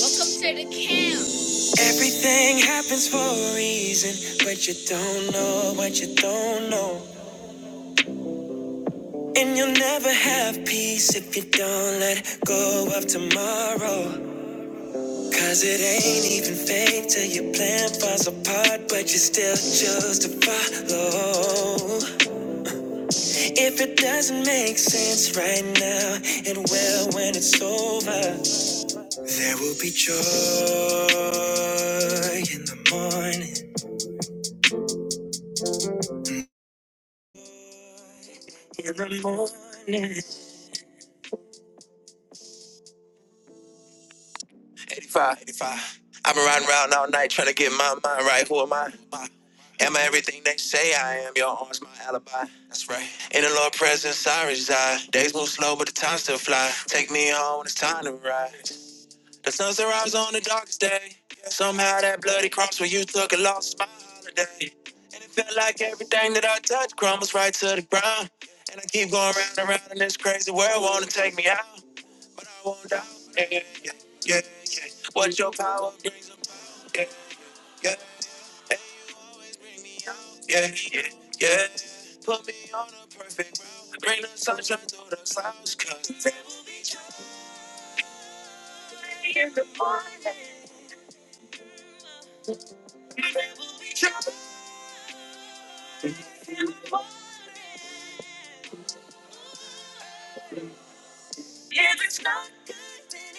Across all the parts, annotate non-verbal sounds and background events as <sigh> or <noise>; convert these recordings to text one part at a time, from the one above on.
Welcome to the camp. Everything happens for a reason, but you don't know what you don't know. And you'll never have peace if you don't let go of tomorrow. Cause it ain't even fake till your plan falls apart, but you still choose to follow. If it doesn't make sense right now, it will when it's over. There will be joy in the morning. in the morning. 85, 85. I've been riding around all night trying to get my mind right. Who am I? Am I everything they say I am? Your arms, my alibi. That's right. In the Lord presence, I reside. Days move slow, but the time still fly. Take me home when it's time to rise. The sun's rise on the darkest day. Somehow that bloody cross where you took a loss is my holiday. And it felt like everything that I touched crumbles right to the ground. And I keep going round and round in this crazy world, wanna take me out. but I won't doubt. Yeah, yeah, yeah, yeah. What your power brings. Yeah, yeah, hey, yo, yeah, yeah, yeah. Put me on a perfect route. Bring the sunshine through the clouds. Cause every day in the morning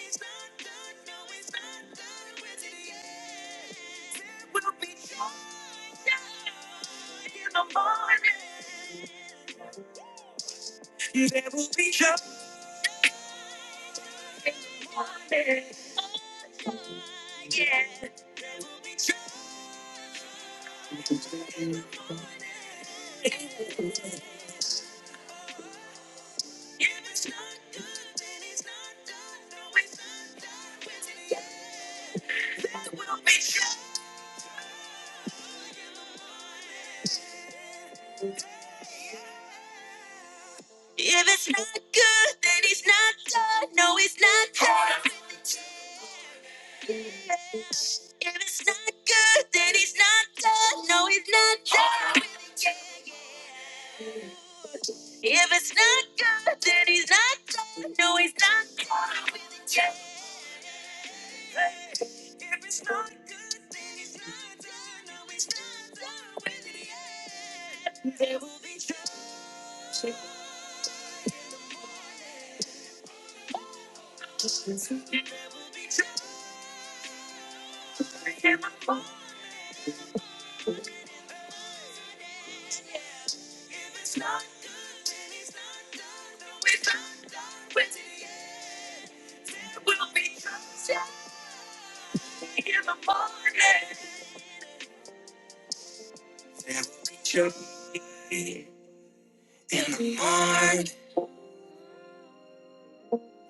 is not. There will be joy in the morning.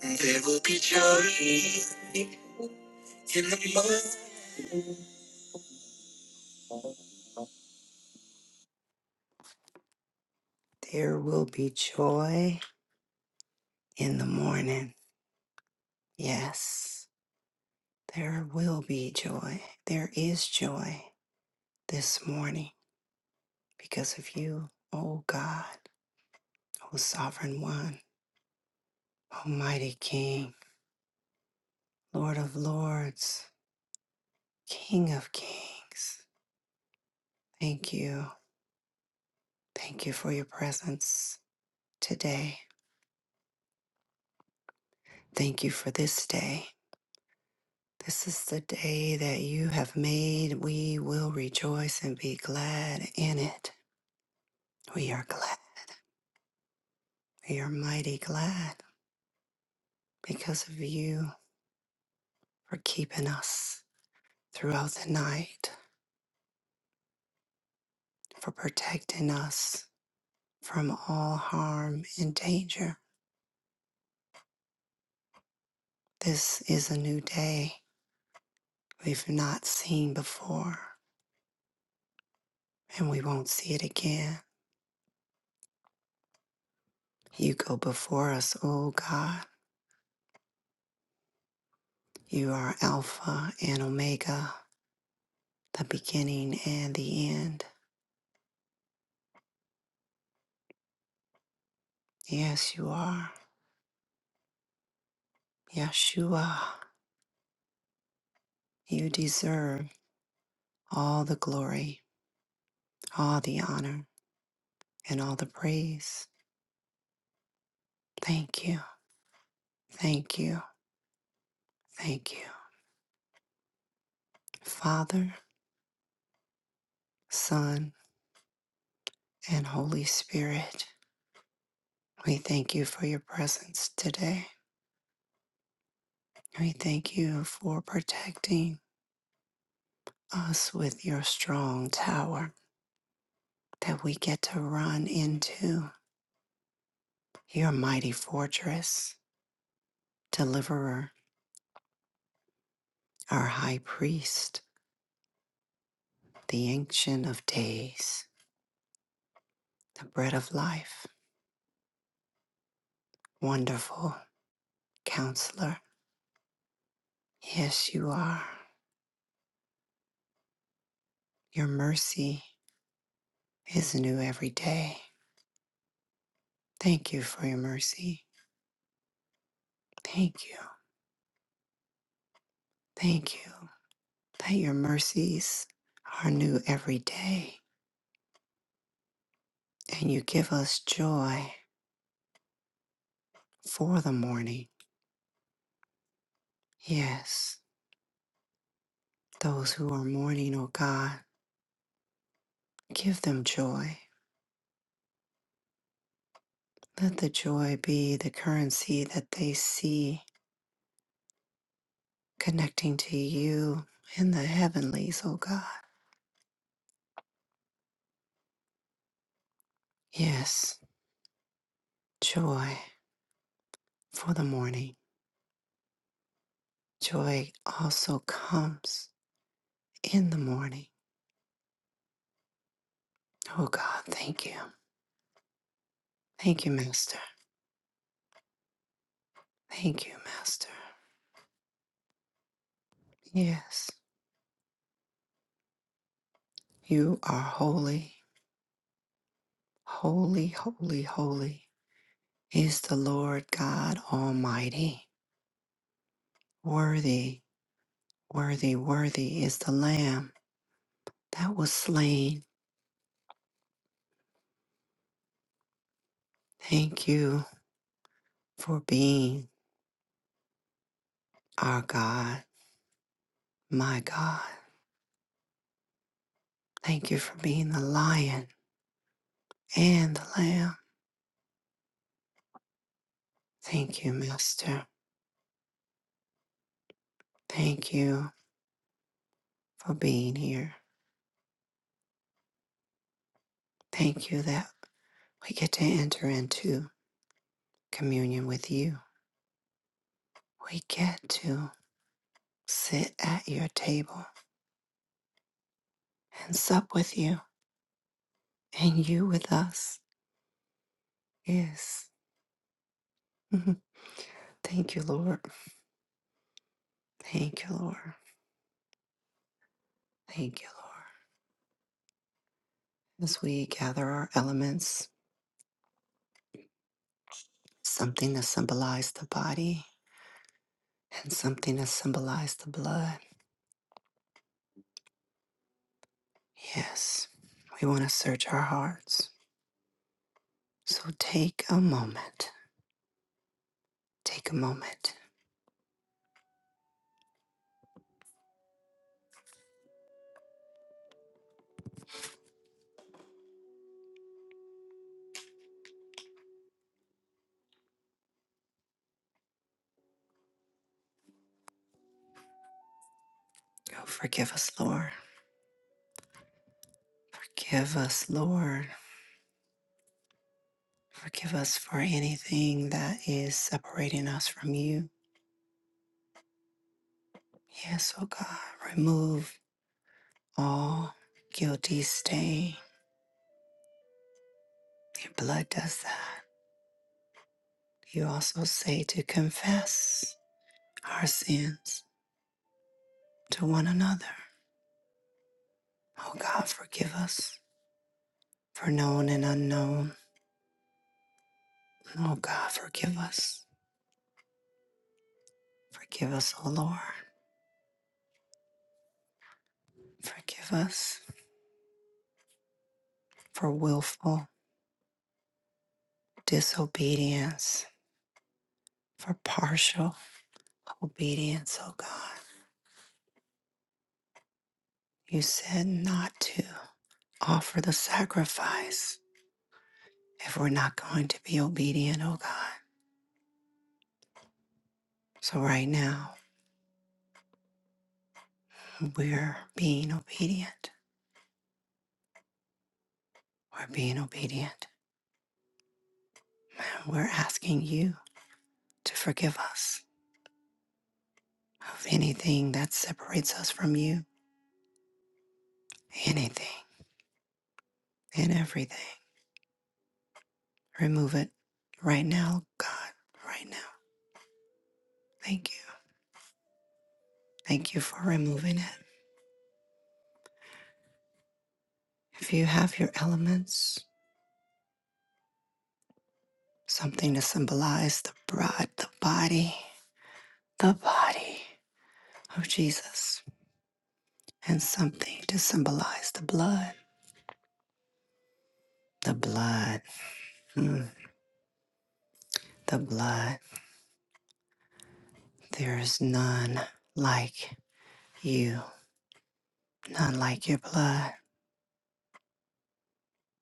There will be joy in the morning. There will be joy in the morning. Yes, there will be joy. There is joy this morning. because of you, O God, O Sovereign One, Almighty King, Lord of Lords, King of Kings. Thank you. Thank you for your presence today. Thank you for this day. This is the day that you have made. We will rejoice and be glad in it. We are glad. We are mighty glad because of you for keeping us throughout the night, for protecting us, from all harm and danger. This is a new day we've not seen before, and we won't see it again. You go before us, O God. You are Alpha and Omega, the beginning and the end. Yes, you are. Yeshua, you deserve all the glory, all the honor, and all the praise. Thank you, thank you, thank you. Father, Son, and Holy Spirit. We thank you for your presence today. We thank you for protecting us with your strong tower that we get to run into your mighty fortress, deliverer, our high priest, the ancient of days, the bread of life, wonderful counselor. Yes, you are. Your mercy is new every day. Thank you for your mercy. Thank you. Thank you. that your mercies are new every day, and you give us joy for the morning. Yes, those who are mourning, O God, give them joy. Let the joy be the currency that they see connecting to you in the heavenlies, O God. Yes, joy for the morning. Joy also comes in the morning. Oh God, thank you. Thank you, Master. Thank you, Master. Yes. You are holy, holy, holy, holy is the Lord God Almighty. Worthy, worthy, worthy is the Lamb that was slain. Thank you for being our God, my God. Thank you for being the lion and the lamb. Thank you, Master. Thank you for being here. Thank you that we get to enter into communion with you. We get to. sit at your table and sup with you and you with us. Yes. Mhm. Thank you, Lord. Thank you, Lord. Thank you, Lord. As we gather our elements, something to symbolize the body and something to symbolize the blood. Yes. We want to search our hearts. So take a moment. Take a moment. Oh, forgive us, Lord. Forgive us, Lord. Forgive us for anything that is separating us from you Yes, oh God, remove all guilty stain. Your blood does that. You also say to confess our sins to one another. Oh God, forgive us for known and unknown. Oh God, forgive us. Forgive us, oh Lord. Forgive us for willful disobedience, for partial obedience, oh God. You said not to offer the sacrifice if we're not going to be obedient, oh God. So right now, we're being obedient. We're being obedient. And we're asking you to forgive us of anything that separates us from you, anything and everything. Remove it right now, God, right now. Thank you. Thank you for removing it. If you have your elements, something to symbolize the bride, the body, the body of Jesus. and something to symbolize the blood. The blood, mm, the blood. There is none like you, none like your blood.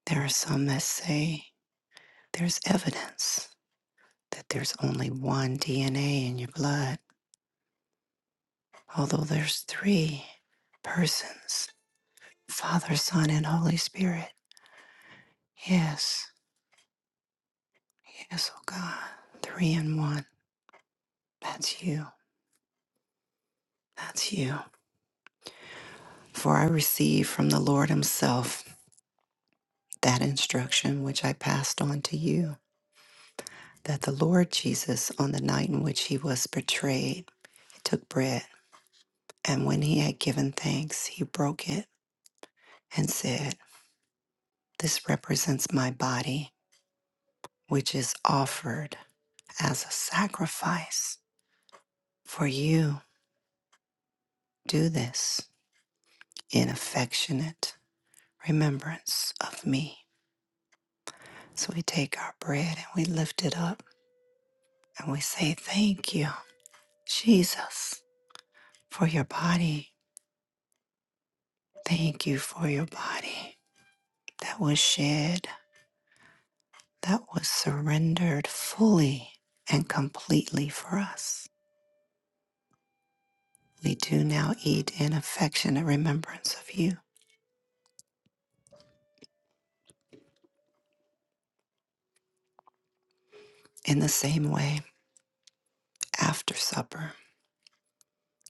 There are some that say there's evidence that there's only one DNA in your blood, although there's three persons Father, Son, and Holy Spirit. Yes, yes, oh God, three in one. That's you, that's you. For I receive from the Lord Himself that instruction which I passed on to you that the Lord Jesus, on the night in which he was betrayed, took bread, and when he had given thanks, he broke it and said, This represents my body, which is offered as a sacrifice for you. Do this in affectionate remembrance of me. So we take our bread and we lift it up and we say, Thank you, Jesus, for your body Thank you for your body that was shed, that was surrendered fully and completely for us. We do now eat in affectionate remembrance of you. In the same way, after supper,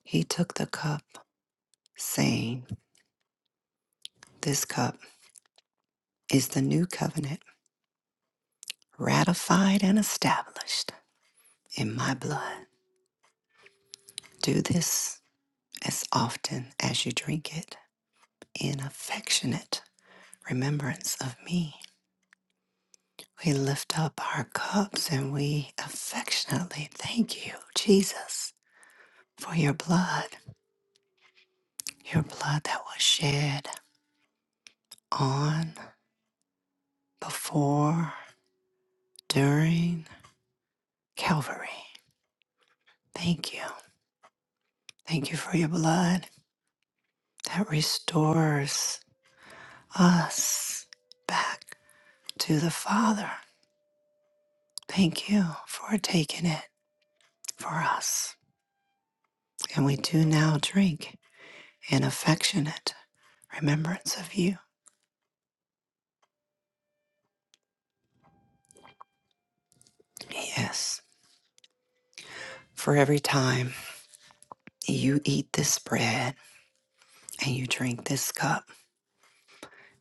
he took the cup, saying, This cup is the new covenant, ratified and established in my blood. Do this as often as you drink it in affectionate remembrance of me. We lift up our cups and we affectionately thank you, Jesus, for your blood, your blood that was shed on, before, during Calvary. Thank you. Thank you for your blood that restores us back to the Father. Thank you for taking it for us. And we do now drink in affectionate remembrance of you. Yes. For every time you eat this bread and you drink this cup,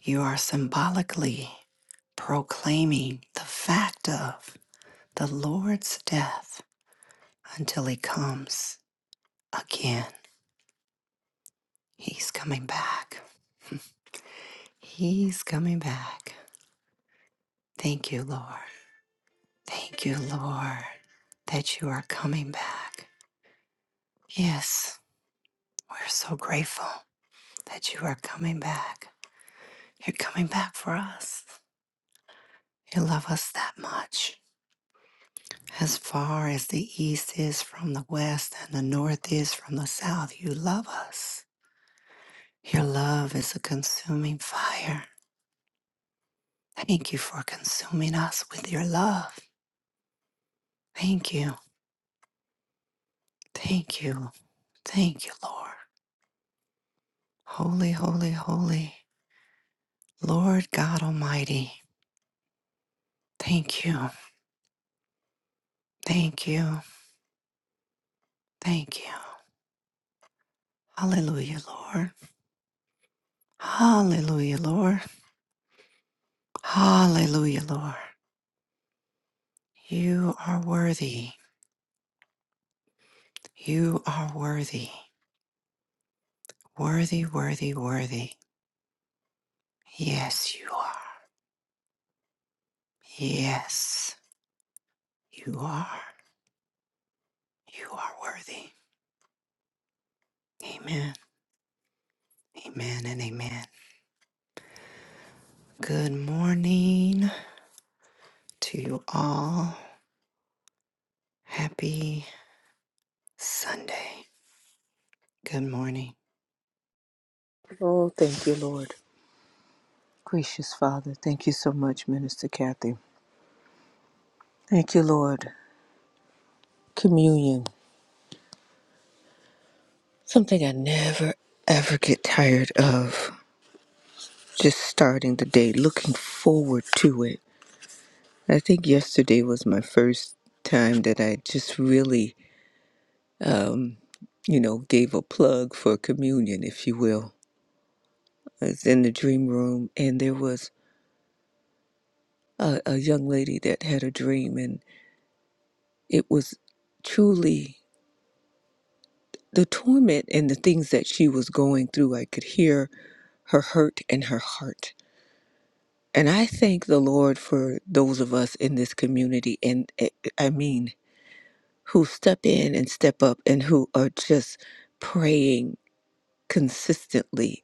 you are symbolically proclaiming the fact of the Lord's death until he comes again. He's coming back. He's coming back. Thank you, Lord. Thank you, Lord, that you are coming back. Yes, we're so grateful that you are coming back. You're coming back for us. You love us that much. As far as the east is from the west and the north is from the south, you love us. Your love is a consuming fire. Thank you for consuming us with your love. Thank you. Thank you. Thank you, Lord. Holy, holy, holy. Lord God Almighty. Thank you. Thank you. Thank you. Hallelujah, Lord. Hallelujah, Lord. Hallelujah, Lord. You are worthy. You are worthy. Worthy, worthy, worthy. Yes, you are. Yes, you are. You are worthy. Amen. Amen and amen. Good morning to you all. Happy Sunday. Good morning. Oh, thank you, Lord. Gracious Father, thank you so much, Minister Kathy. Thank you, Lord. Communion. Something I never, ever get tired of. Just starting the day, looking forward to it. I think yesterday was my first time that I just really, you know, gave a plug for communion, if you will. I was in the dream room, and there was a, a young lady that had a dream, and it was truly the torment and the things that she was going through, I could hear her hurt and her heart. And I thank the Lord for those of us in this community, and eh, I mean, who step in and step up and who are just praying consistently.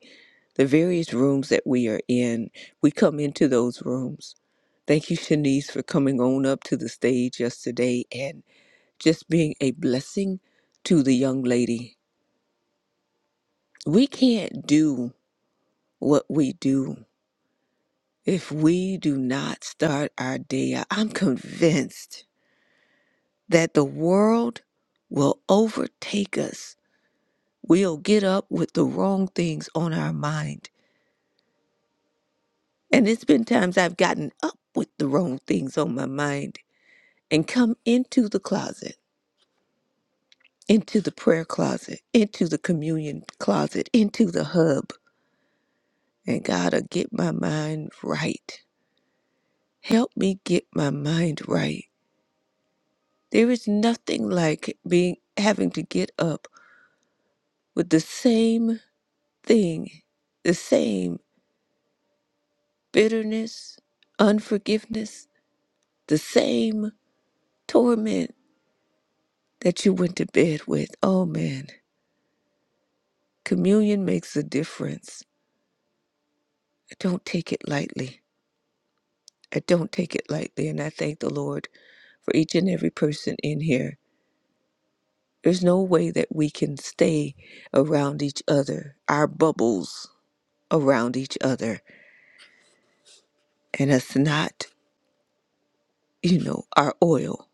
The various rooms that we are in, we come into those rooms. Thank you, Shanice, for coming on up to the stage yesterday and just being a blessing to the young lady. We can't do what we do. If we do not start our day out, I'm convinced that the world will overtake us. We'll get up with the wrong things on our mind. And it's been times I've gotten up with the wrong things on my mind and come into the closet, into the prayer closet, into the communion closet, into the hub. And God'll get my mind right. Help me get my mind right There is nothing like being having to get up with the same thing, the same bitterness, unforgiveness, the same torment that you went to bed with. Oh man, communion makes a difference. I don't take it lightly. I don't take it lightly, and I thank the Lord for each and every person in here. There's no way that we can stay around each other, our bubbles around each other, and us not you know, our oil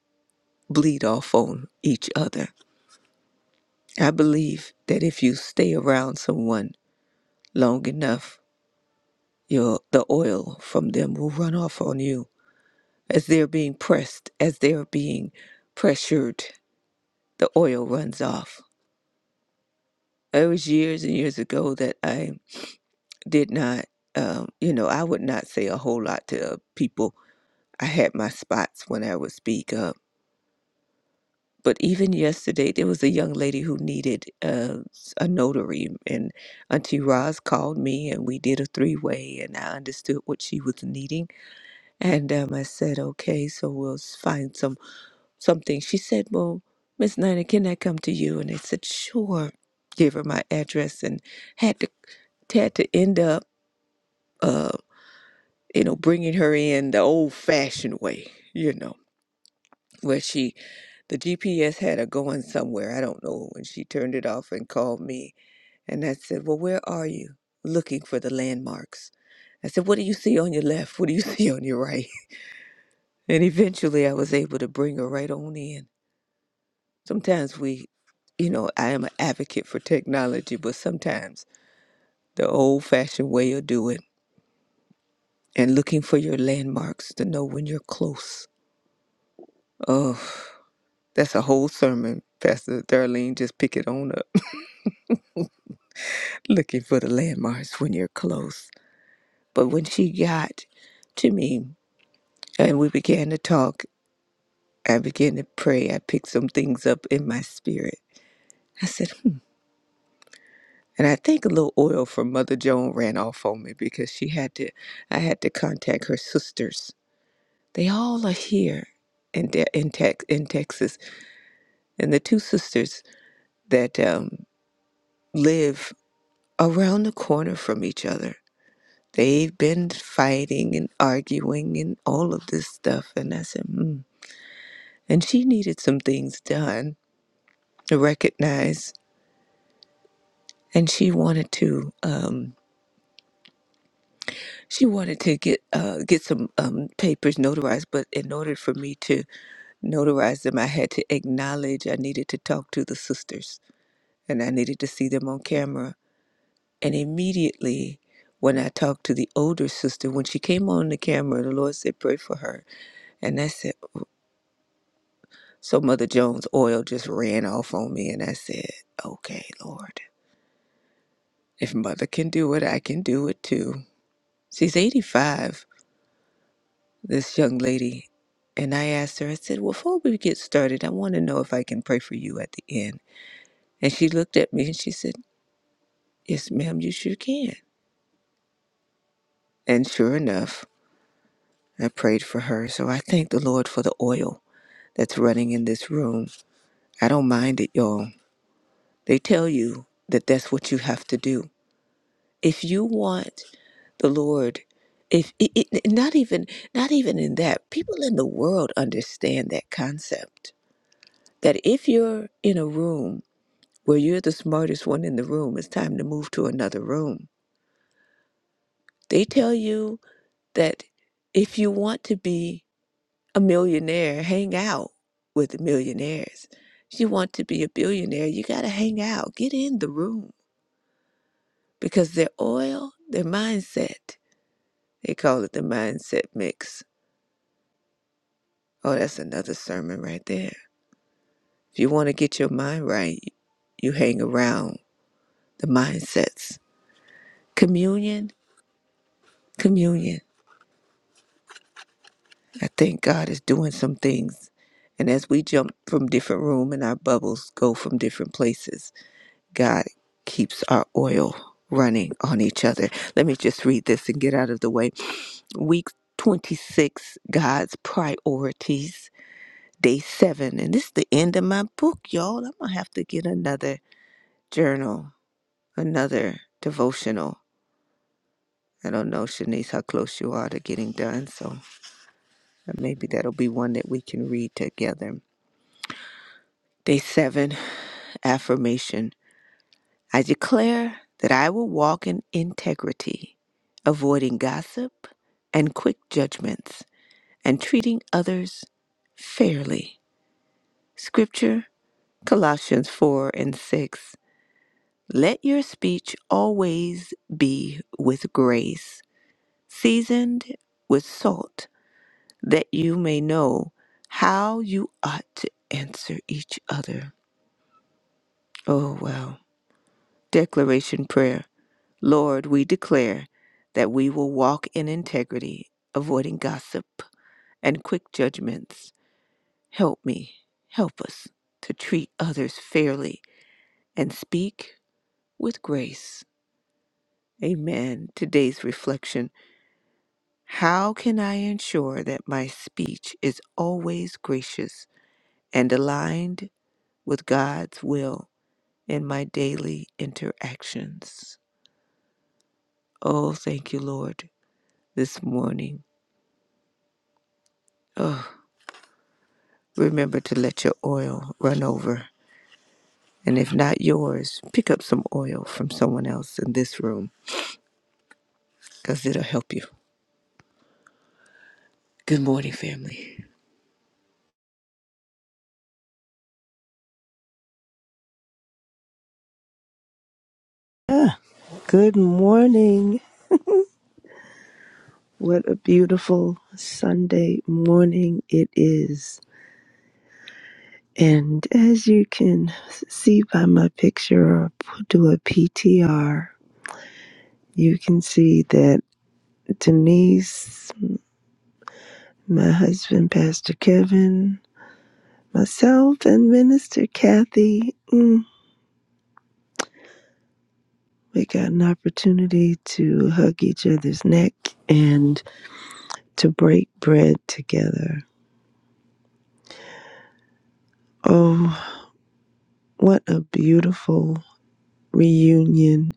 bleed off on each other. I believe that if you stay around someone long enough, your the oil from them will run off on you. As they're being pressed, as they're being pressured, the oil runs off. It was years and years ago that I did not, um, you know, I would not say a whole lot to people. I had my spots when I would speak. but even yesterday, there was a young lady who needed uh, s- a notary, and Auntie Roz called me, and we did a three-way, and I understood what she was needing, and um, I said, "Okay, so we'll s- find some something." She said, "Well, Miss Nina, can I come to you?" And I said, "Sure." Gave her my address, and had to had to end up, uh, you know, bringing her in the old-fashioned way, you know where she the GPS had her going somewhere. I don't know. And she turned it off and called me. And I said, Well, where are you? Looking for the landmarks. I said, What do you see on your left? What do you <laughs> see on your right? And eventually I was able to bring her right on in. Sometimes we, you know, I am an advocate for technology, but sometimes the old fashioned way of doing and looking for your landmarks to know when you're close. Oh, that's a whole sermon. Pastor Darlene just pick it on up. looking for the landmarks when you're close. But when she got to me and we began to talk, I began to pray. I picked some things up in my spirit. I said, hmm. And I think a little oil from Mother Joan ran off on me because she had to, I had to contact her sisters. They all are here in, De- in, Tex- in Texas. And the two sisters that um, live around the corner from each other. They've been fighting and arguing and all of this stuff. And I said, hmm. And she needed some things done to recognize. And she wanted to, um, she wanted to get uh, get some um, papers notarized. But in order for me to notarize them, I had to acknowledge I needed to talk to the sisters, and I needed to see them on camera. And immediately, when I talked to the older sister, when she came on the camera, the Lord said, "Pray for her." And I said. So Mother Jones oil just ran off on me, and I said, Okay, Lord, if Mother can do it, I can do it too. She's 85, this young lady. And I asked her, I said, well, Before we get started, I want to know if I can pray for you at the end. And she looked at me and she said, Yes, ma'am, you sure can. And sure enough, I prayed for her. So I thank the Lord for the oil that's running in this room. I don't mind it, y'all. They tell you that that's what you have to do. If you want the Lord. If it, it, not even not even in that, people in the world understand that concept that if you're in a room where you're the smartest one in the room, it's time to move to another room. They tell you that if you want to be a millionaire, hang out with millionaires. If you want to be a billionaire, you got to hang out, get in the room because their oil, their mindset, they call it the mindset mix. Oh, that's another sermon right there If you want to get your mind right, you hang around the mindsets. Communion, communion. I think God is doing some things. And as we jump from different room and our bubbles go from different places, God keeps our oil running on each other. Let me just read this and get out of the way. Week 26, God's priorities, day 7. And this is the end of my book, y'all. I'm going to have to get another journal, another devotional I don't know, Shanice, how close you are to getting done, so uh, maybe that'll be one that we can read together. Day seven, affirmation. I declare that I will walk in integrity, avoiding gossip and quick judgments, and treating others fairly. Scripture, Colossians 4 and 6. Let your speech always be with grace, seasoned with salt that you may know how you ought to answer each other. Oh, well. Declaration Prayer Lord, we declare that we will walk in integrity, avoiding gossip and quick judgments. Help me, help us to treat others fairly and speak with grace. Amen. Today's reflection How can I ensure that my speech is always gracious and aligned with God's will? in my daily interactions. Oh, thank you, Lord, this morning. Oh, remember to let your oil run over. And if not yours, pick up some oil from someone else in this room because it'll help you. Good morning, family. Good morning. What a beautiful Sunday morning it is. And as you can see by my picture or p- do a PTR, you can see that Denise, my husband, Pastor Kevin, myself, and Minister Kathy, mm, we got an opportunity to hug each other's neck and to break bread together. Oh, what a beautiful reunion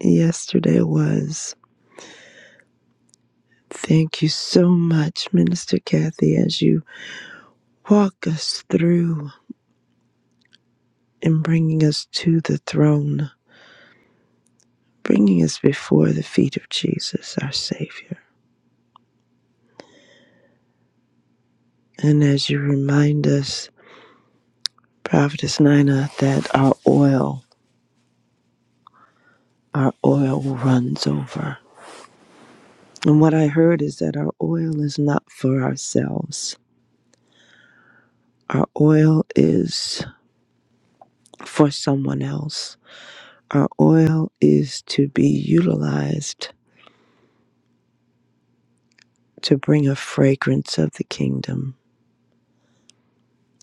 yesterday was. Thank you so much, Minister Kathy, as you walk us through and bringing us to the throne, bringing us before the feet of Jesus, our Savior. And as you remind us, Prophetess Nina, that our oil, our oil runs over. And what I heard is that our oil is not for ourselves. Our oil is for someone else Our oil is to be utilized to bring a fragrance of the kingdom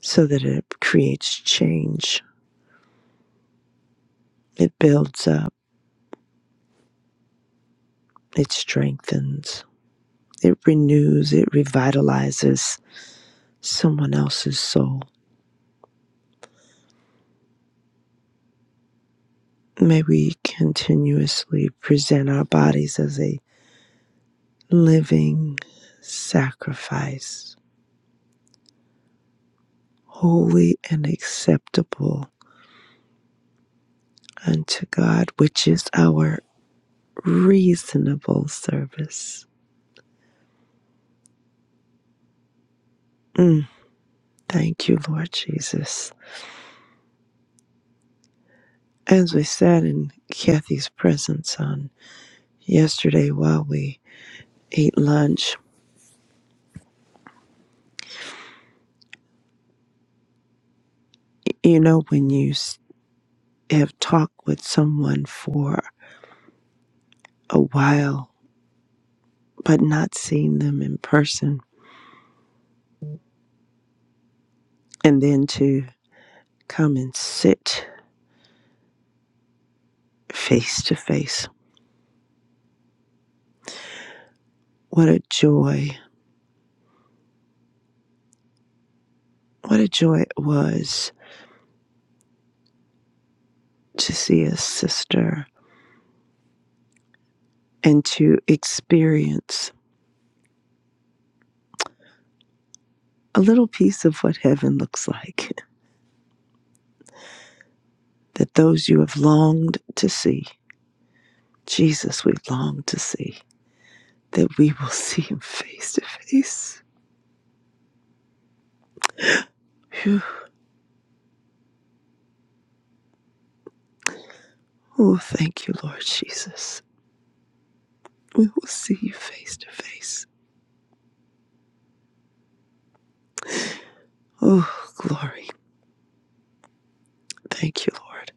so that it creates change. It builds up, it strengthens, it renews, it revitalizes someone else's soul. May we continuously present our bodies as a living sacrifice, holy and acceptable unto God, which is our reasonable service Mm, thank you, Lord Jesus. As we sat in Kathy's presence on yesterday while we ate lunch, you know, when you s- have talked with someone for a while but not seen them in person, and then to come and sit face to face, what a joy! What a joy it was to see a sister and to experience a little piece of what heaven looks like that those you have longed to see, Jesus, we long to see, that we will <laughs> see him face to face. Phew. Oh, thank you, Lord Jesus. We will see you face to face. Oh, glory. Thank you, Lord.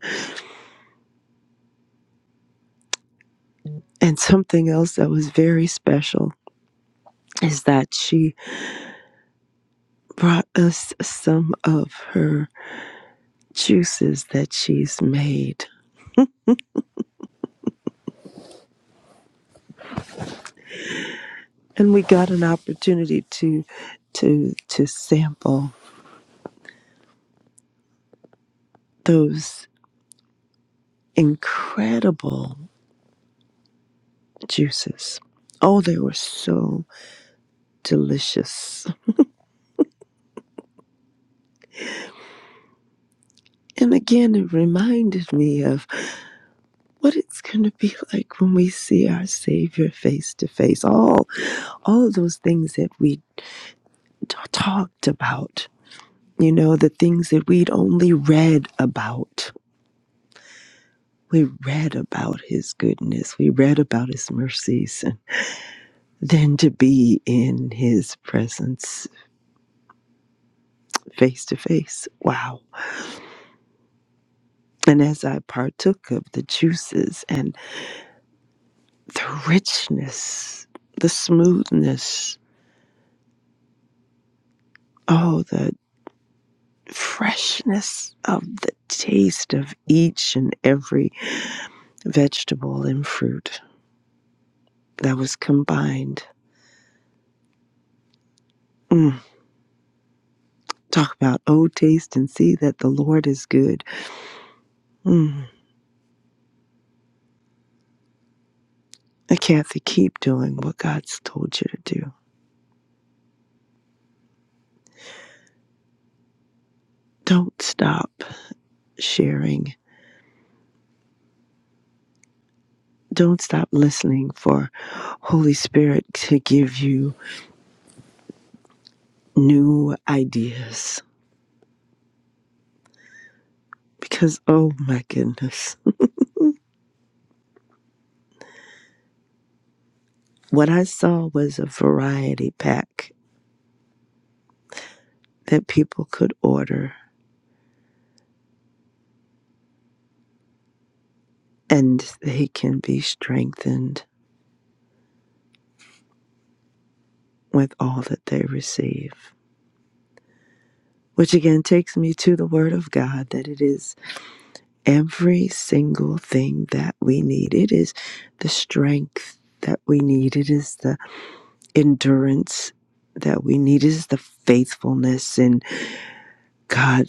And something else that was very special is that she brought us some of her juices that she's made. And we got an opportunity to to to sample those incredible juices. Oh, they were so delicious. And again, it reminded me of what it's going to be <laughs> like when we see our Savior face to face. All, all of those things that we t- talked about, you know, the things that we'd only read about. We read about His goodness, we read about His mercies, and then to be in His presence face to face. Wow And as I partook of the juices and the richness, the smoothness, oh, the freshness of the taste of each and every vegetable and fruit that was combined. Mm. Talk about, oh, taste and see that the Lord is good. Mm. And Kathy, keep doing what God's told you to do. Don't stop sharing. Don't stop listening for Holy Spirit to give you new ideas because, oh my goodness, what I saw was a variety pack that people could order and they can be strengthened with all that they receive. Which again takes me to the Word of God that it is every single thing that we need. It is the strength that we need, it is the endurance that we need, it is the faithfulness. in God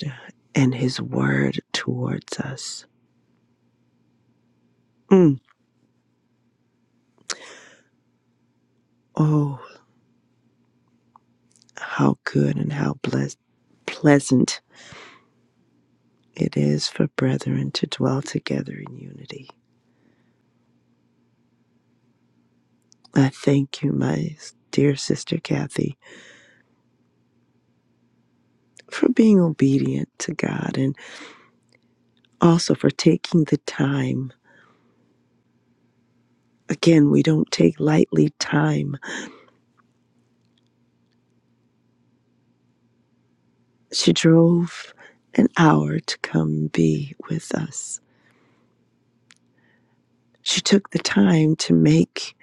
and His Word towards us. Mm. Oh, how good and how blessed, pleasant it is for brethren to dwell together in unity. I thank you, my dear sister Kathy, for being obedient to God and also for taking the time. Again, we don't take lightly time. She drove an hour to come be with us. She took the time to make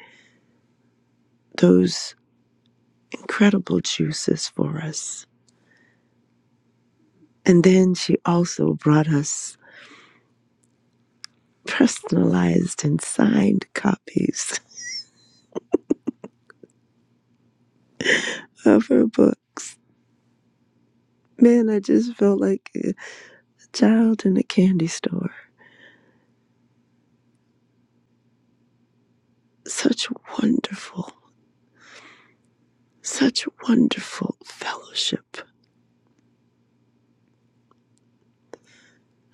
those incredible juices for us. And then she also brought us personalized and signed copies <laughs> of her books. Man, I just felt like a child in a candy store. Such wonderful, such wonderful fellowship.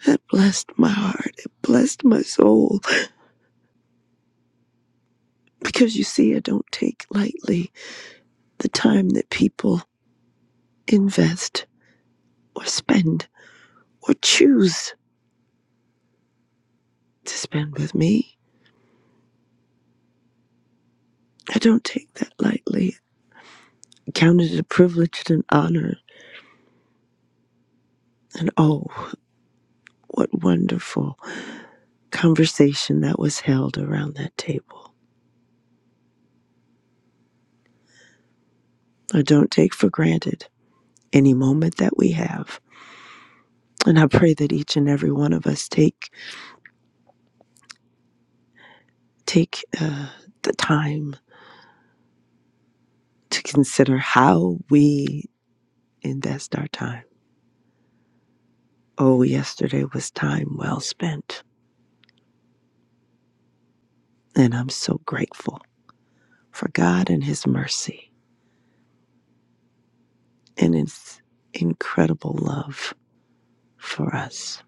that blessed my heart. It blessed my soul. Because you see, I don't take lightly the time that people invest or spend or choose to spend with me I don't take that lightly. I Count it a privilege and an honor. And oh, what wonderful conversation that was held around that table. I don't take for granted any moment that we have. And I pray that each and every one of us take take uh, the time to consider how we invest our time. Oh, yesterday was time well spent, and I'm so grateful for God and His mercy and His incredible love for us.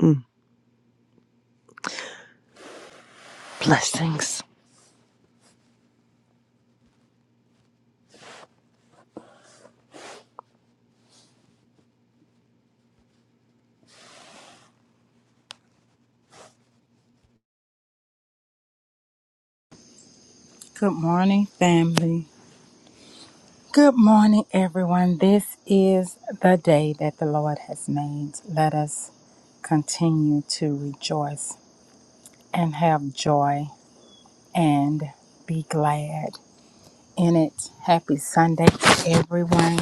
Mm. Blessings. Good morning, family. Good morning, everyone. This is the day that the Lord has made. Let us continue to rejoice and have joy and be glad in it. Happy Sunday to everyone.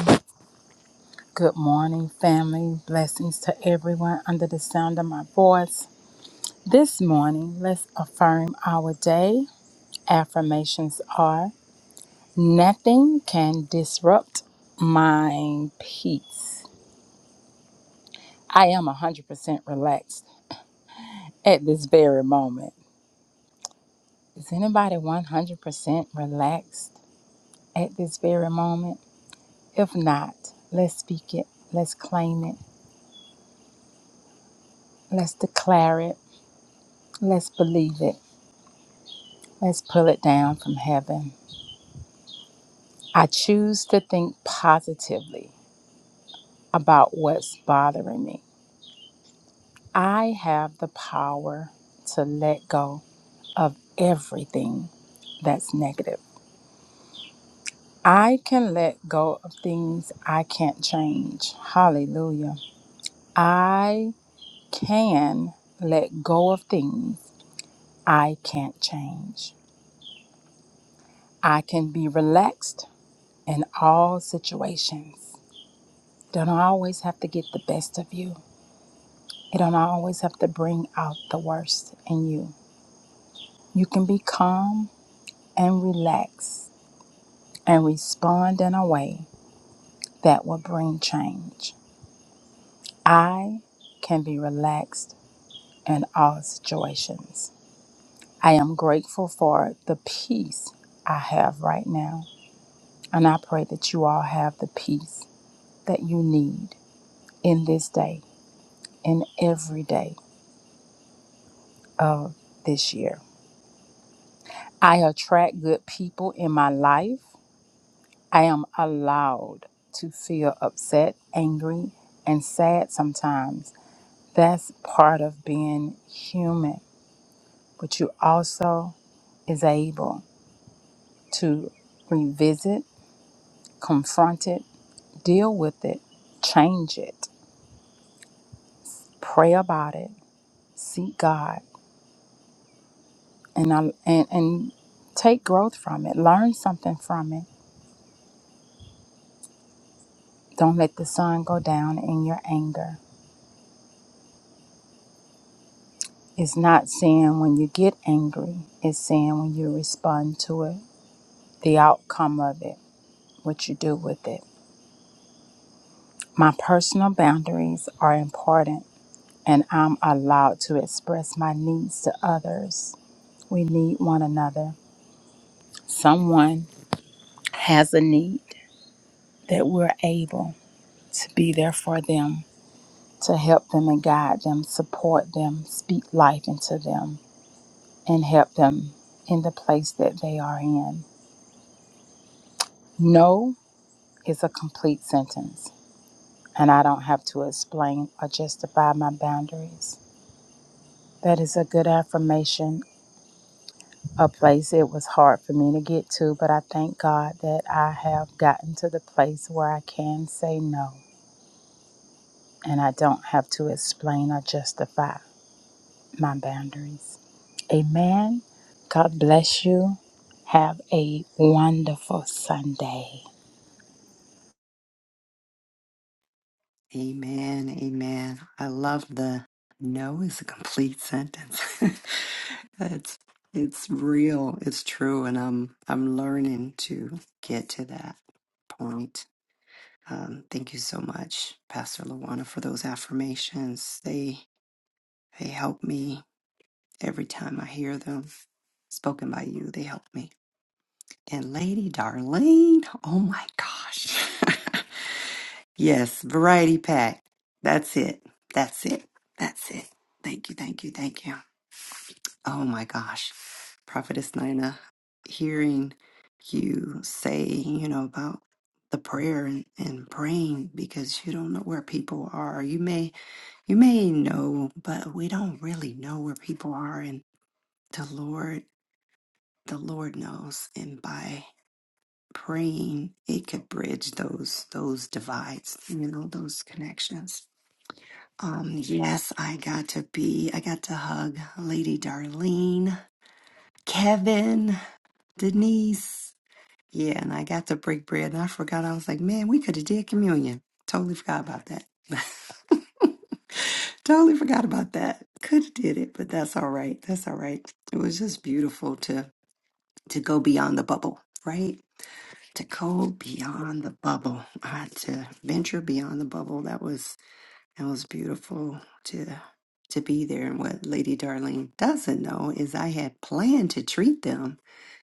Good morning, family. Blessings to everyone under the sound of my voice. This morning, let's affirm our day. Affirmations are. Nothing can disrupt my peace. I am 100% relaxed at this very moment. Is anybody 100% relaxed at this very moment? If not, let's speak it. Let's claim it. Let's declare it. Let's believe it. Let's pull it down from heaven. I choose to think positively about what's bothering me. I have the power to let go of everything that's negative. I can let go of things I can't change. Hallelujah. I can let go of things I can't change. I can be relaxed in all situations. Don't always have to get the best of you. It don't always have to bring out the worst in you. You can be calm and relaxed and respond in a way that will bring change. I can be relaxed in all situations. I am grateful for the peace I have right now. And I pray that you all have the peace that you need in this day, in every day of this year. I attract good people in my life. I am allowed to feel upset, angry, and sad sometimes. That's part of being human. But you also is able to revisit, confront it, deal with it, change it, pray about it, seek God, and I, and and take growth from it. Learn something from it. Don't let the sun go down in your anger. It's not saying when you get angry. It's saying when you respond to it, the outcome of it, what you do with it. My personal boundaries are important, and I'm allowed to express my needs to others. We need one another. someone has a need, that we're able to be there for them, to help them and guide them, support them, speak life into them, and help them in the place that they are in. No is a complete sentence, and I don't have to explain or justify my boundaries. That is a good affirmation, a place it was hard for me to get to, but I thank God that I have gotten to the place where I can say no and I don't have to explain or justify my boundaries. Amen. God bless you. Have a wonderful Sunday. Amen. Amen. I love the no is a complete sentence. <laughs> it's it's real. It's true and I'm I'm learning to get to that point Um, thank you so much, Pastor Lawana, for those affirmations. They they help me every time I hear them spoken by you. They help me. And Lady Darlene, oh my gosh, <laughs> yes, variety pack. That's it. That's it. That's it. Thank you. Thank you. Thank you. Oh my gosh, Prophetess Nina, hearing you say, you know, about the prayer and, and praying because you don't know where people are. You may You may know, but we don't really know where people are. And the Lord, the Lord knows. And by praying, it could bridge those those divides, you know, those connections. Um, yes, I got to be, I got to hug Lady Darlene, Kevin, Denise. Yeah, and I got to break bread, and I forgot. I was like, man, we could have did communion. Totally forgot about that. <laughs> totally forgot about that. Could have did it, but that's all right. That's all right. It was just beautiful to to go beyond the bubble, right? To go beyond the bubble, uh, to venture beyond the bubble. That was that was beautiful to to be there. And what Lady Darlene doesn't know is I had planned to treat them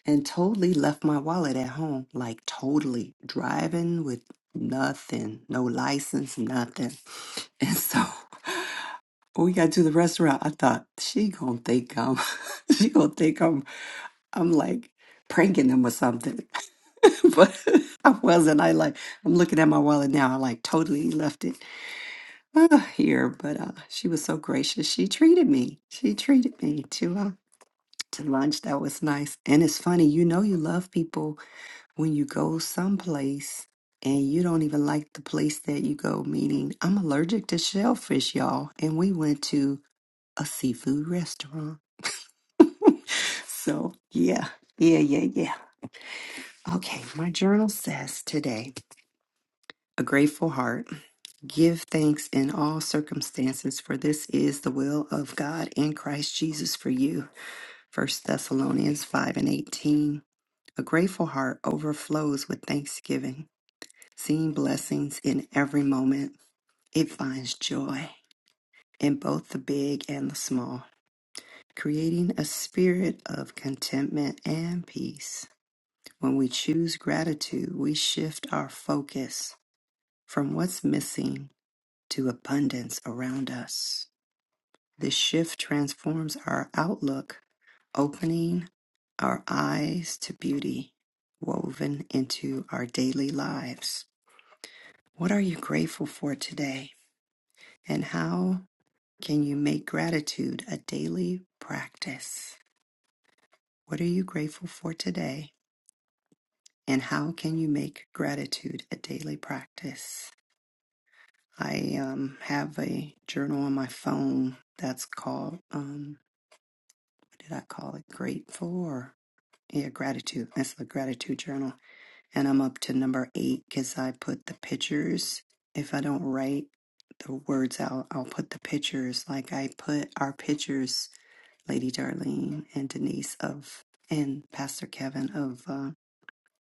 and totally left my wallet at home. Like totally driving with nothing, no license, nothing. And so <laughs> when we got to the restaurant, I thought she gonna think I'm <laughs> she gonna think I'm I'm like pranking them or something. <laughs> but <laughs> I wasn't. I like I'm looking at my wallet now. I like totally left it uh, here. But uh, she was so gracious. She treated me. She treated me to uh, to lunch. That was nice. And it's funny, you know, you love people when you go someplace and you don't even like the place that you go, meaning I'm allergic to shellfish, y'all. And we went to a seafood restaurant. <laughs> So, yeah, yeah, yeah, yeah. Okay, my journal says today a grateful heart. Give thanks in all circumstances, for this is the will of God in Christ Jesus for you. First Thessalonians 5 and 18. A grateful heart overflows with thanksgiving. Seeing blessings in every moment, it finds joy in both the big and the small, creating a spirit of contentment and peace. When we choose gratitude, we shift our focus from what's missing to abundance around us. This shift transforms our outlook, opening our eyes to beauty woven into our daily lives. What are you grateful for today? And how Can you make gratitude a daily practice? What are you grateful for today? And how can you make gratitude a daily practice? I um, have a journal on my phone that's called, um, what did I call it? Grateful or, yeah, gratitude. That's the gratitude journal. And I'm up to number eight because I put the pictures. If I don't write the words out, I'll put the pictures. Like I put our pictures Lady Darlene and Denise of and Pastor Kevin of uh,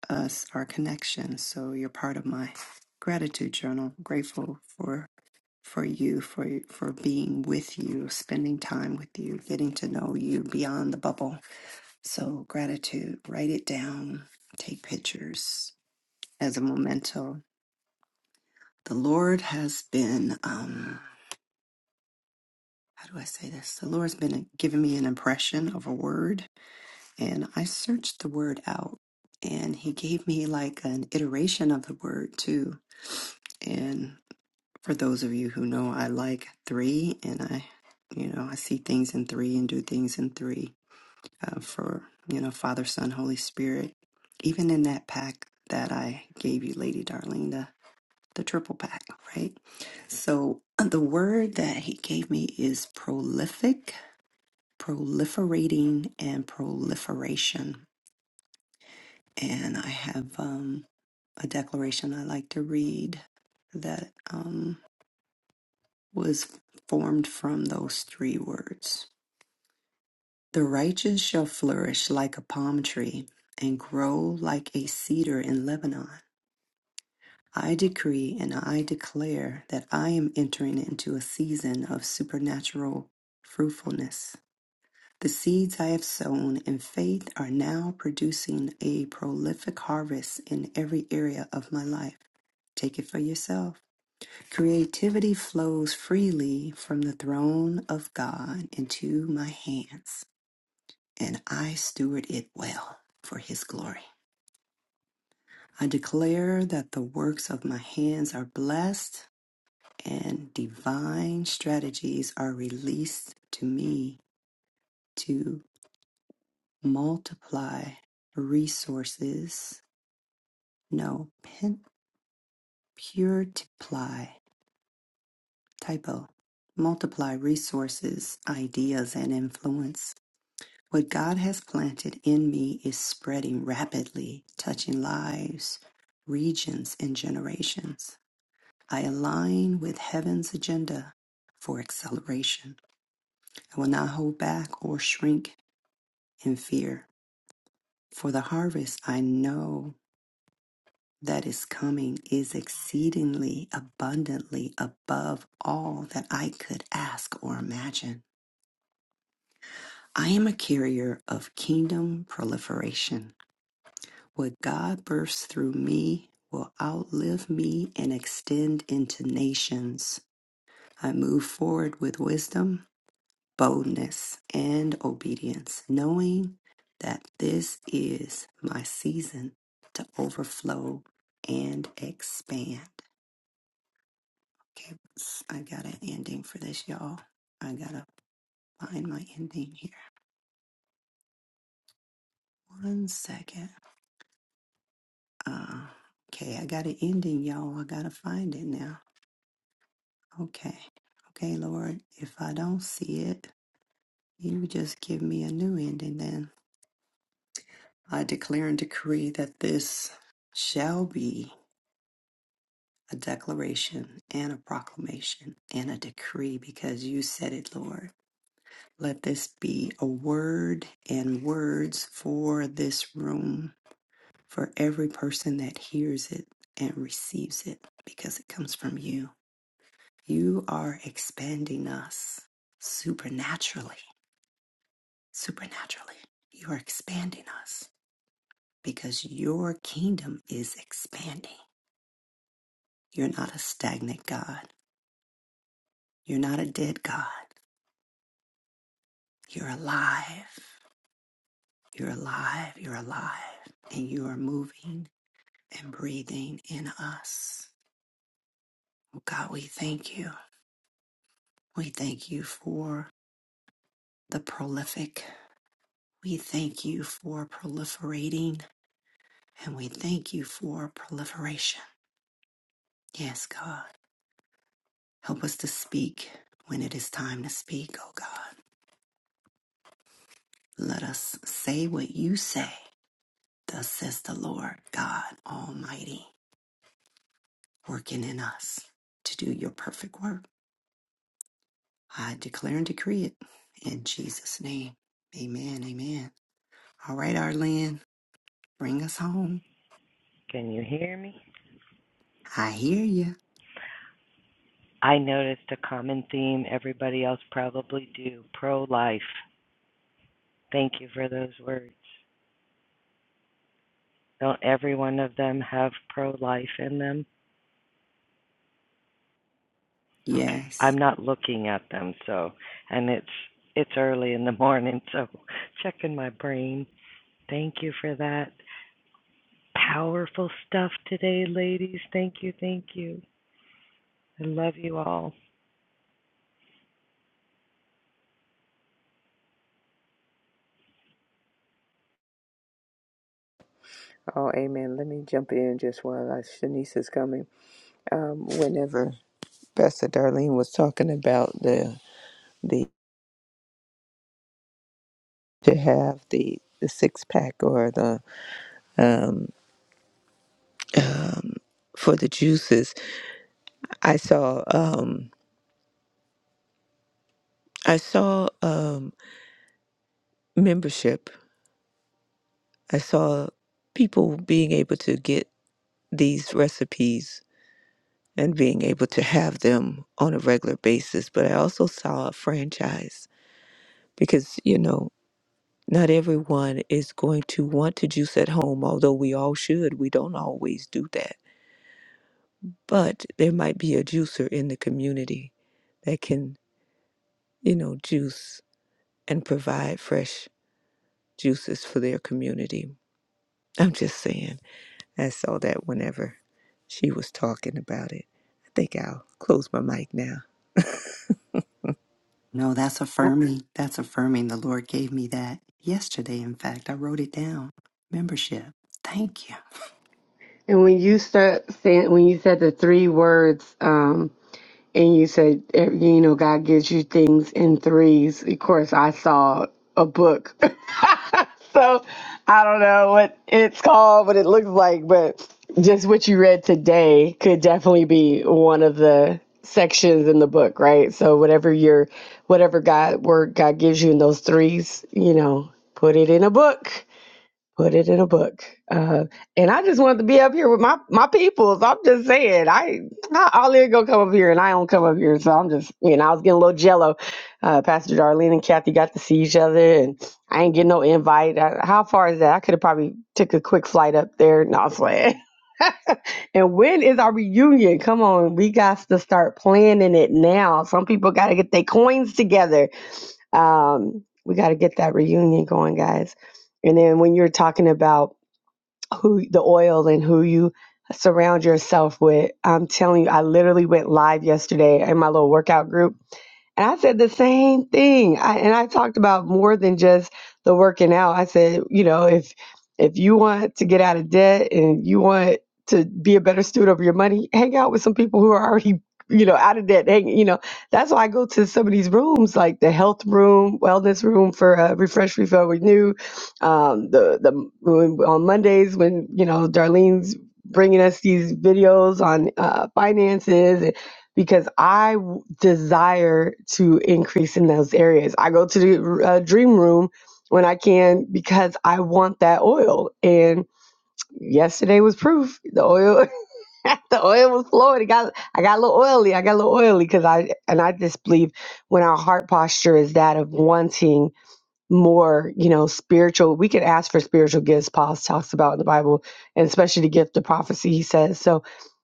us, our connection. So you're part of my gratitude journal. Grateful for for you, for for being with you, spending time with you, getting to know you beyond the bubble. So gratitude. Write it down. Take pictures as a memento. The Lord has been. Um, how do I say this? The Lord's been giving me an impression of a word and I searched the word out, and he gave me like an iteration of the word too. And for those of you who know, I like three, and I, you know, I see things in three and do things in three uh, for, you know, Father, Son, Holy Spirit. Even in that pack that I gave you, Lady Darling, the, the triple pack, right? So the word that he gave me is prolific, proliferating, and proliferation and I have um, a declaration I like to read that um, was formed from those three words. The righteous shall flourish like a palm tree and grow like a cedar in Lebanon. I decree and I declare that I am entering into a season of supernatural fruitfulness. The seeds I have sown in faith are now producing a prolific harvest in every area of my life. Take it for yourself. Creativity flows freely from the throne of God into my hands, and I steward it well for His glory. I declare that the works of my hands are blessed and divine strategies are released to me to. multiply resources. No, pen, purtiply, typo. Multiply resources, ideas, and influence. What God has planted in me is spreading rapidly, touching lives, regions, and generations. I align with heaven's agenda for acceleration. I will not hold back or shrink in fear. For the harvest I know that is coming is exceedingly abundantly above all that I could ask or imagine. I am a carrier of kingdom proliferation. What God bursts through me will outlive me and extend into nations. I move forward with wisdom, boldness, and obedience, knowing that this is my season to overflow and expand. Okay, I got an ending for this, y'all. I gotta find my ending here. One second. Uh, okay, I got an ending, y'all. I gotta find it now. Okay. Okay, Lord, if I don't see it, you just give me a new ending then. I declare and decree that this shall be a declaration and a proclamation and a decree because you said it, Lord. Let this be a word and words for this room for every person that hears it and receives it because it comes from you. You are expanding us supernaturally. Supernaturally. You are expanding us because your kingdom is expanding. You're not a stagnant God. You're not a dead God. You're alive. You're alive. You're alive. And you are moving and breathing in us. Oh God, we thank you. We thank you for the prolific. We thank you for proliferating and we thank you for proliferation. Yes, God. Help us to speak when it is time to speak, oh God. Let us say what you say. Thus says the Lord God Almighty, working in us to do your perfect work. I declare and decree it in Jesus' name. Amen. Amen. All right, Arlene, bring us home. Can you hear me? I hear you. I noticed a common theme everybody else probably do pro life. Thank you for those words. Don't every one of them have pro life in them? Okay. Yes. I'm not looking at them so and it's it's early in the morning so checking my brain. Thank you for that powerful stuff today ladies. Thank you. Thank you. I love you all. Oh, amen. Let me jump in just while I, Shanice is coming. Um, whenever Pastor Darlene was talking about the the to have the the six pack or the um, um, for the juices, I saw. Um, I saw um, membership. I saw people being able to get these recipes and being able to have them on a regular basis. But I also saw a franchise because, you know, not everyone is going to want to juice at home, although we all should. We don't always do that. But there might be a juicer in the community that can, you know, juice and provide fresh juices for their community. I'm just saying. I saw that whenever she was talking about it. I think I'll close my mic now. No, that's affirming. That's affirming. The Lord gave me that yesterday. In fact, I wrote it down. Membership. Thank you. And when you start saying, when you said the three words, um, and you said, eh, you know, God gives you things in threes. Of course, I saw a book, <laughs> so I don't know what it's called, what it looks like, but just what you read today could definitely be one of the sections in the book, right? So whatever your, whatever God word God gives you in those threes, you know, put it in a book put it in a book. Uh, and I just wanted to be up here with my my peoples. I'm just saying, I how Ollie gonna come up here, and I don't come up here, so I'm just you know I was getting a little jello. Uh, Pastor Darlene and Kathy got to see each other, and I ain't getting no invite. Uh how far is that? I could have probably took a quick flight up there. No, I'm playing. <laughs> And when is our reunion? Come on, we got to start planning it now. Some people got to get their coins together. Um, we got to get that reunion going, guys. And then when you're talking about who the oil and who you surround yourself with. I'm telling you, I literally went live yesterday in my little workout group and I said the same thing. I, and I talked about more than just the working out. I said, you know, if if you want to get out of debt and you want to be a better student of your money, hang out with some people who are already, you know, out of debt. Hang, you know, that's why I go to some of these rooms, like the health room, wellness room for uh, refresh, refill, renew. Um, the the when- on Mondays when you know Darlene's bringing us these videos on uh, finances and because I desire to increase in those areas. I go to the uh, dream room when I can because I want that oil. And yesterday was proof. The oil, <laughs> the oil was flowing. It got, I got a little oily. I got a little oily because I and I just believe when our heart posture is that of wanting more, you know, spiritual. We could ask for spiritual gifts, Paul talks about in the Bible, and especially the gift of prophecy, he says. So,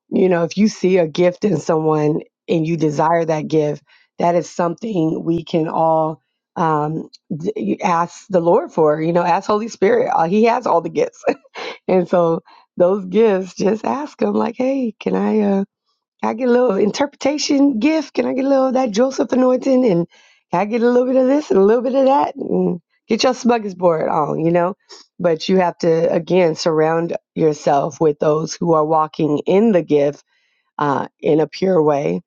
you know, if you see a gift in someone and you desire that gift, that is something we can all um d- ask the lord for you know ask holy spirit Uh, he has all the gifts <laughs> and so those gifts just ask him like hey can i uh, can I get a little interpretation gift? Can I get a little of that Joseph anointing? And can I get a little bit of this and a little bit of that? And get your smuggler's board on, you know? But you have to, again, surround yourself with those who are walking in the gift uh, in a pure way.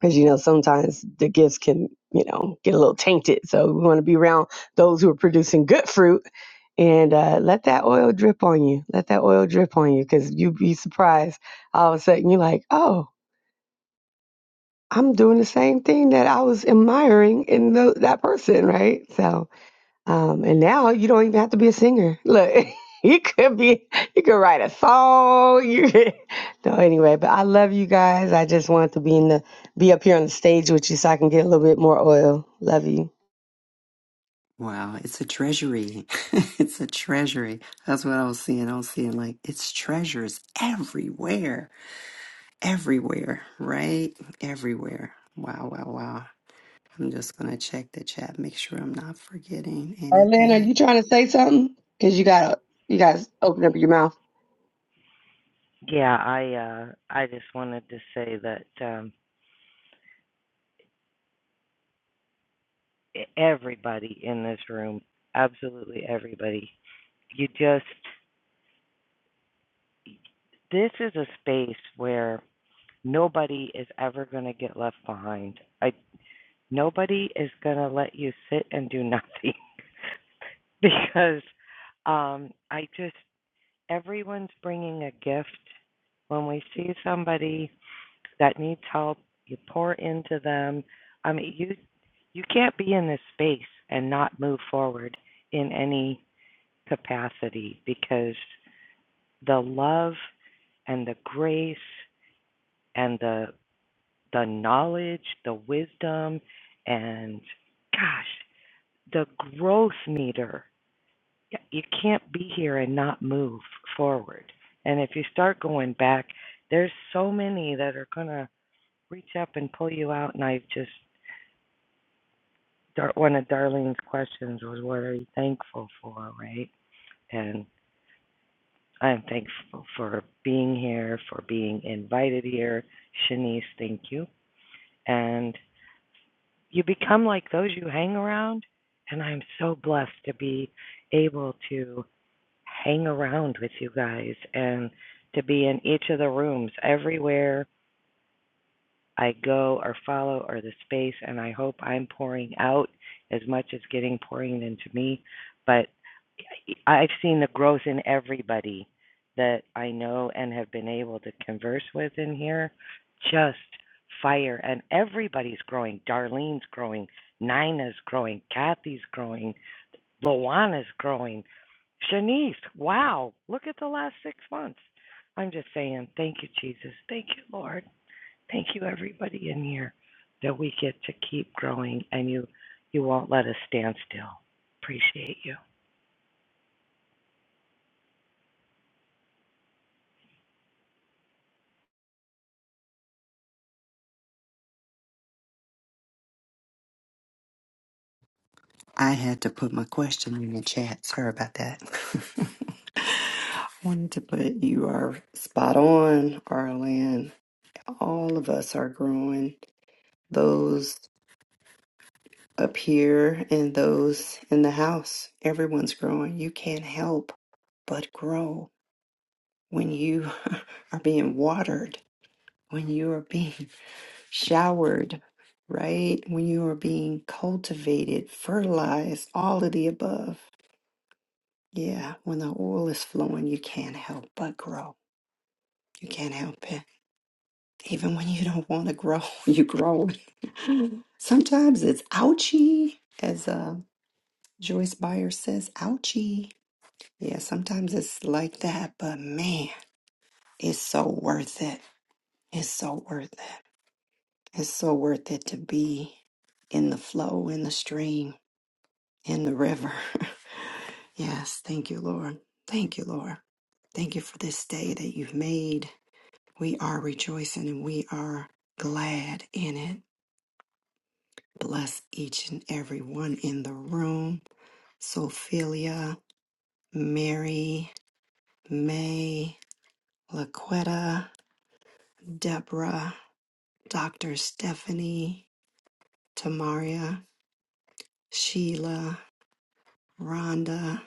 Because, you know, sometimes the gifts can, you know, get a little tainted. So we want to be around those who are producing good fruit and uh, let that oil drip on you. Let that oil drip on you because you'd be surprised all of a sudden you're like, oh, I'm doing the same thing that I was admiring in tho- that person, right? So, um, and now you don't even have to be a singer. Look, <laughs> you could be, you could write a song. <laughs> You could, no, anyway, but I love you guys. I just wanted to be in the, be up here on the stage with you so I can get a little bit more oil. Love you. Wow, it's a treasury. <laughs> it's a treasury. That's what I was seeing. I was seeing like it's treasures everywhere, everywhere, right? Everywhere. Wow, wow, wow. I'm just going to check the chat, make sure I'm not forgetting Arlene, are you anything. trying to say something? Cause you gotta, you guys open up your mouth. Yeah, I uh I just wanted to say that um everybody in this room, absolutely everybody. You just, this is a space where nobody is ever going to get left behind. I, nobody is going to let you sit and do nothing <laughs> because um, I just, everyone's bringing a gift. When we see somebody that needs help, you pour into them. I mean, you you can't be in this space and not move forward in any capacity because the love and the grace and the the knowledge, the wisdom and gosh, the growth meter. You can't be here and not move forward. And if you start going back, there's so many that are going to reach up and pull you out and I just one of Darlene's questions was what are you thankful for, right? And. I'm thankful for being here, for being invited here. Shanice, thank you. And you become like those you hang around. And I'm so blessed to be able to hang around with you guys and to be in each of the rooms everywhere I go or follow or the space, and I hope I'm pouring out as much as getting pouring into me. But I've seen the growth in everybody that I know and have been able to converse with in here. Just fire, and everybody's growing. Darlene's growing, Nina's growing, Kathy's growing, Luana's growing, Shanice. Wow, look at the last six months. I'm just saying, thank you, Jesus. Thank you, Lord. Thank you, everybody in here, that we get to keep growing and you, you won't let us stand still. Appreciate you. I had to put my question in the chat. Sorry about that. <laughs> I Wanted to put you are spot on, Arlen. All of us are growing. Those up here and those in the house. Everyone's growing. You can't help but grow when you <laughs> are being watered, when you are being <laughs> showered, right? When you are being cultivated, fertilized, all of the above Yeah, when the oil is flowing, you can't help but grow. You can't help it. Even when you don't want to grow, <laughs> you grow. <laughs> sometimes it's ouchy, as uh, Joyce Meyer says, ouchy. Yeah, sometimes it's like that, but man, it's so worth it. It's so worth it. It's so worth it to be in the flow, in the stream, in the river. <laughs> yes, thank you, Lord. Thank you, Lord. Thank you for this day that you've made. We are rejoicing and we are glad in it. Bless each and every one in the room. Sophelia, Mary, May, Laquetta, Deborah, Dr. Stephanie, Tamaria, Sheila, Rhonda,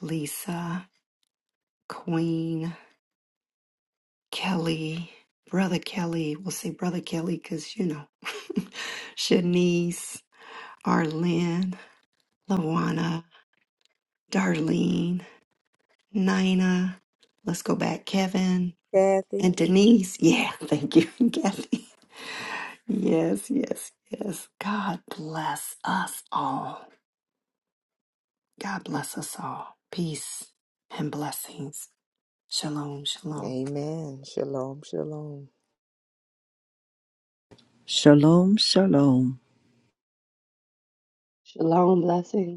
Lisa, Queen, Kelly, Brother Kelly. We'll say Brother Kelly because, you know, <laughs> Shanice, Arlen, Lawana, Darlene, Nina, let's go back, Kevin, Kathy. and Denise. Yeah, thank you, <laughs> Kathy. Yes, yes, yes. God bless us all. God bless us all. Peace and blessings. Shalom, shalom. Amen. Shalom, shalom. Shalom, shalom. Shalom, blessings.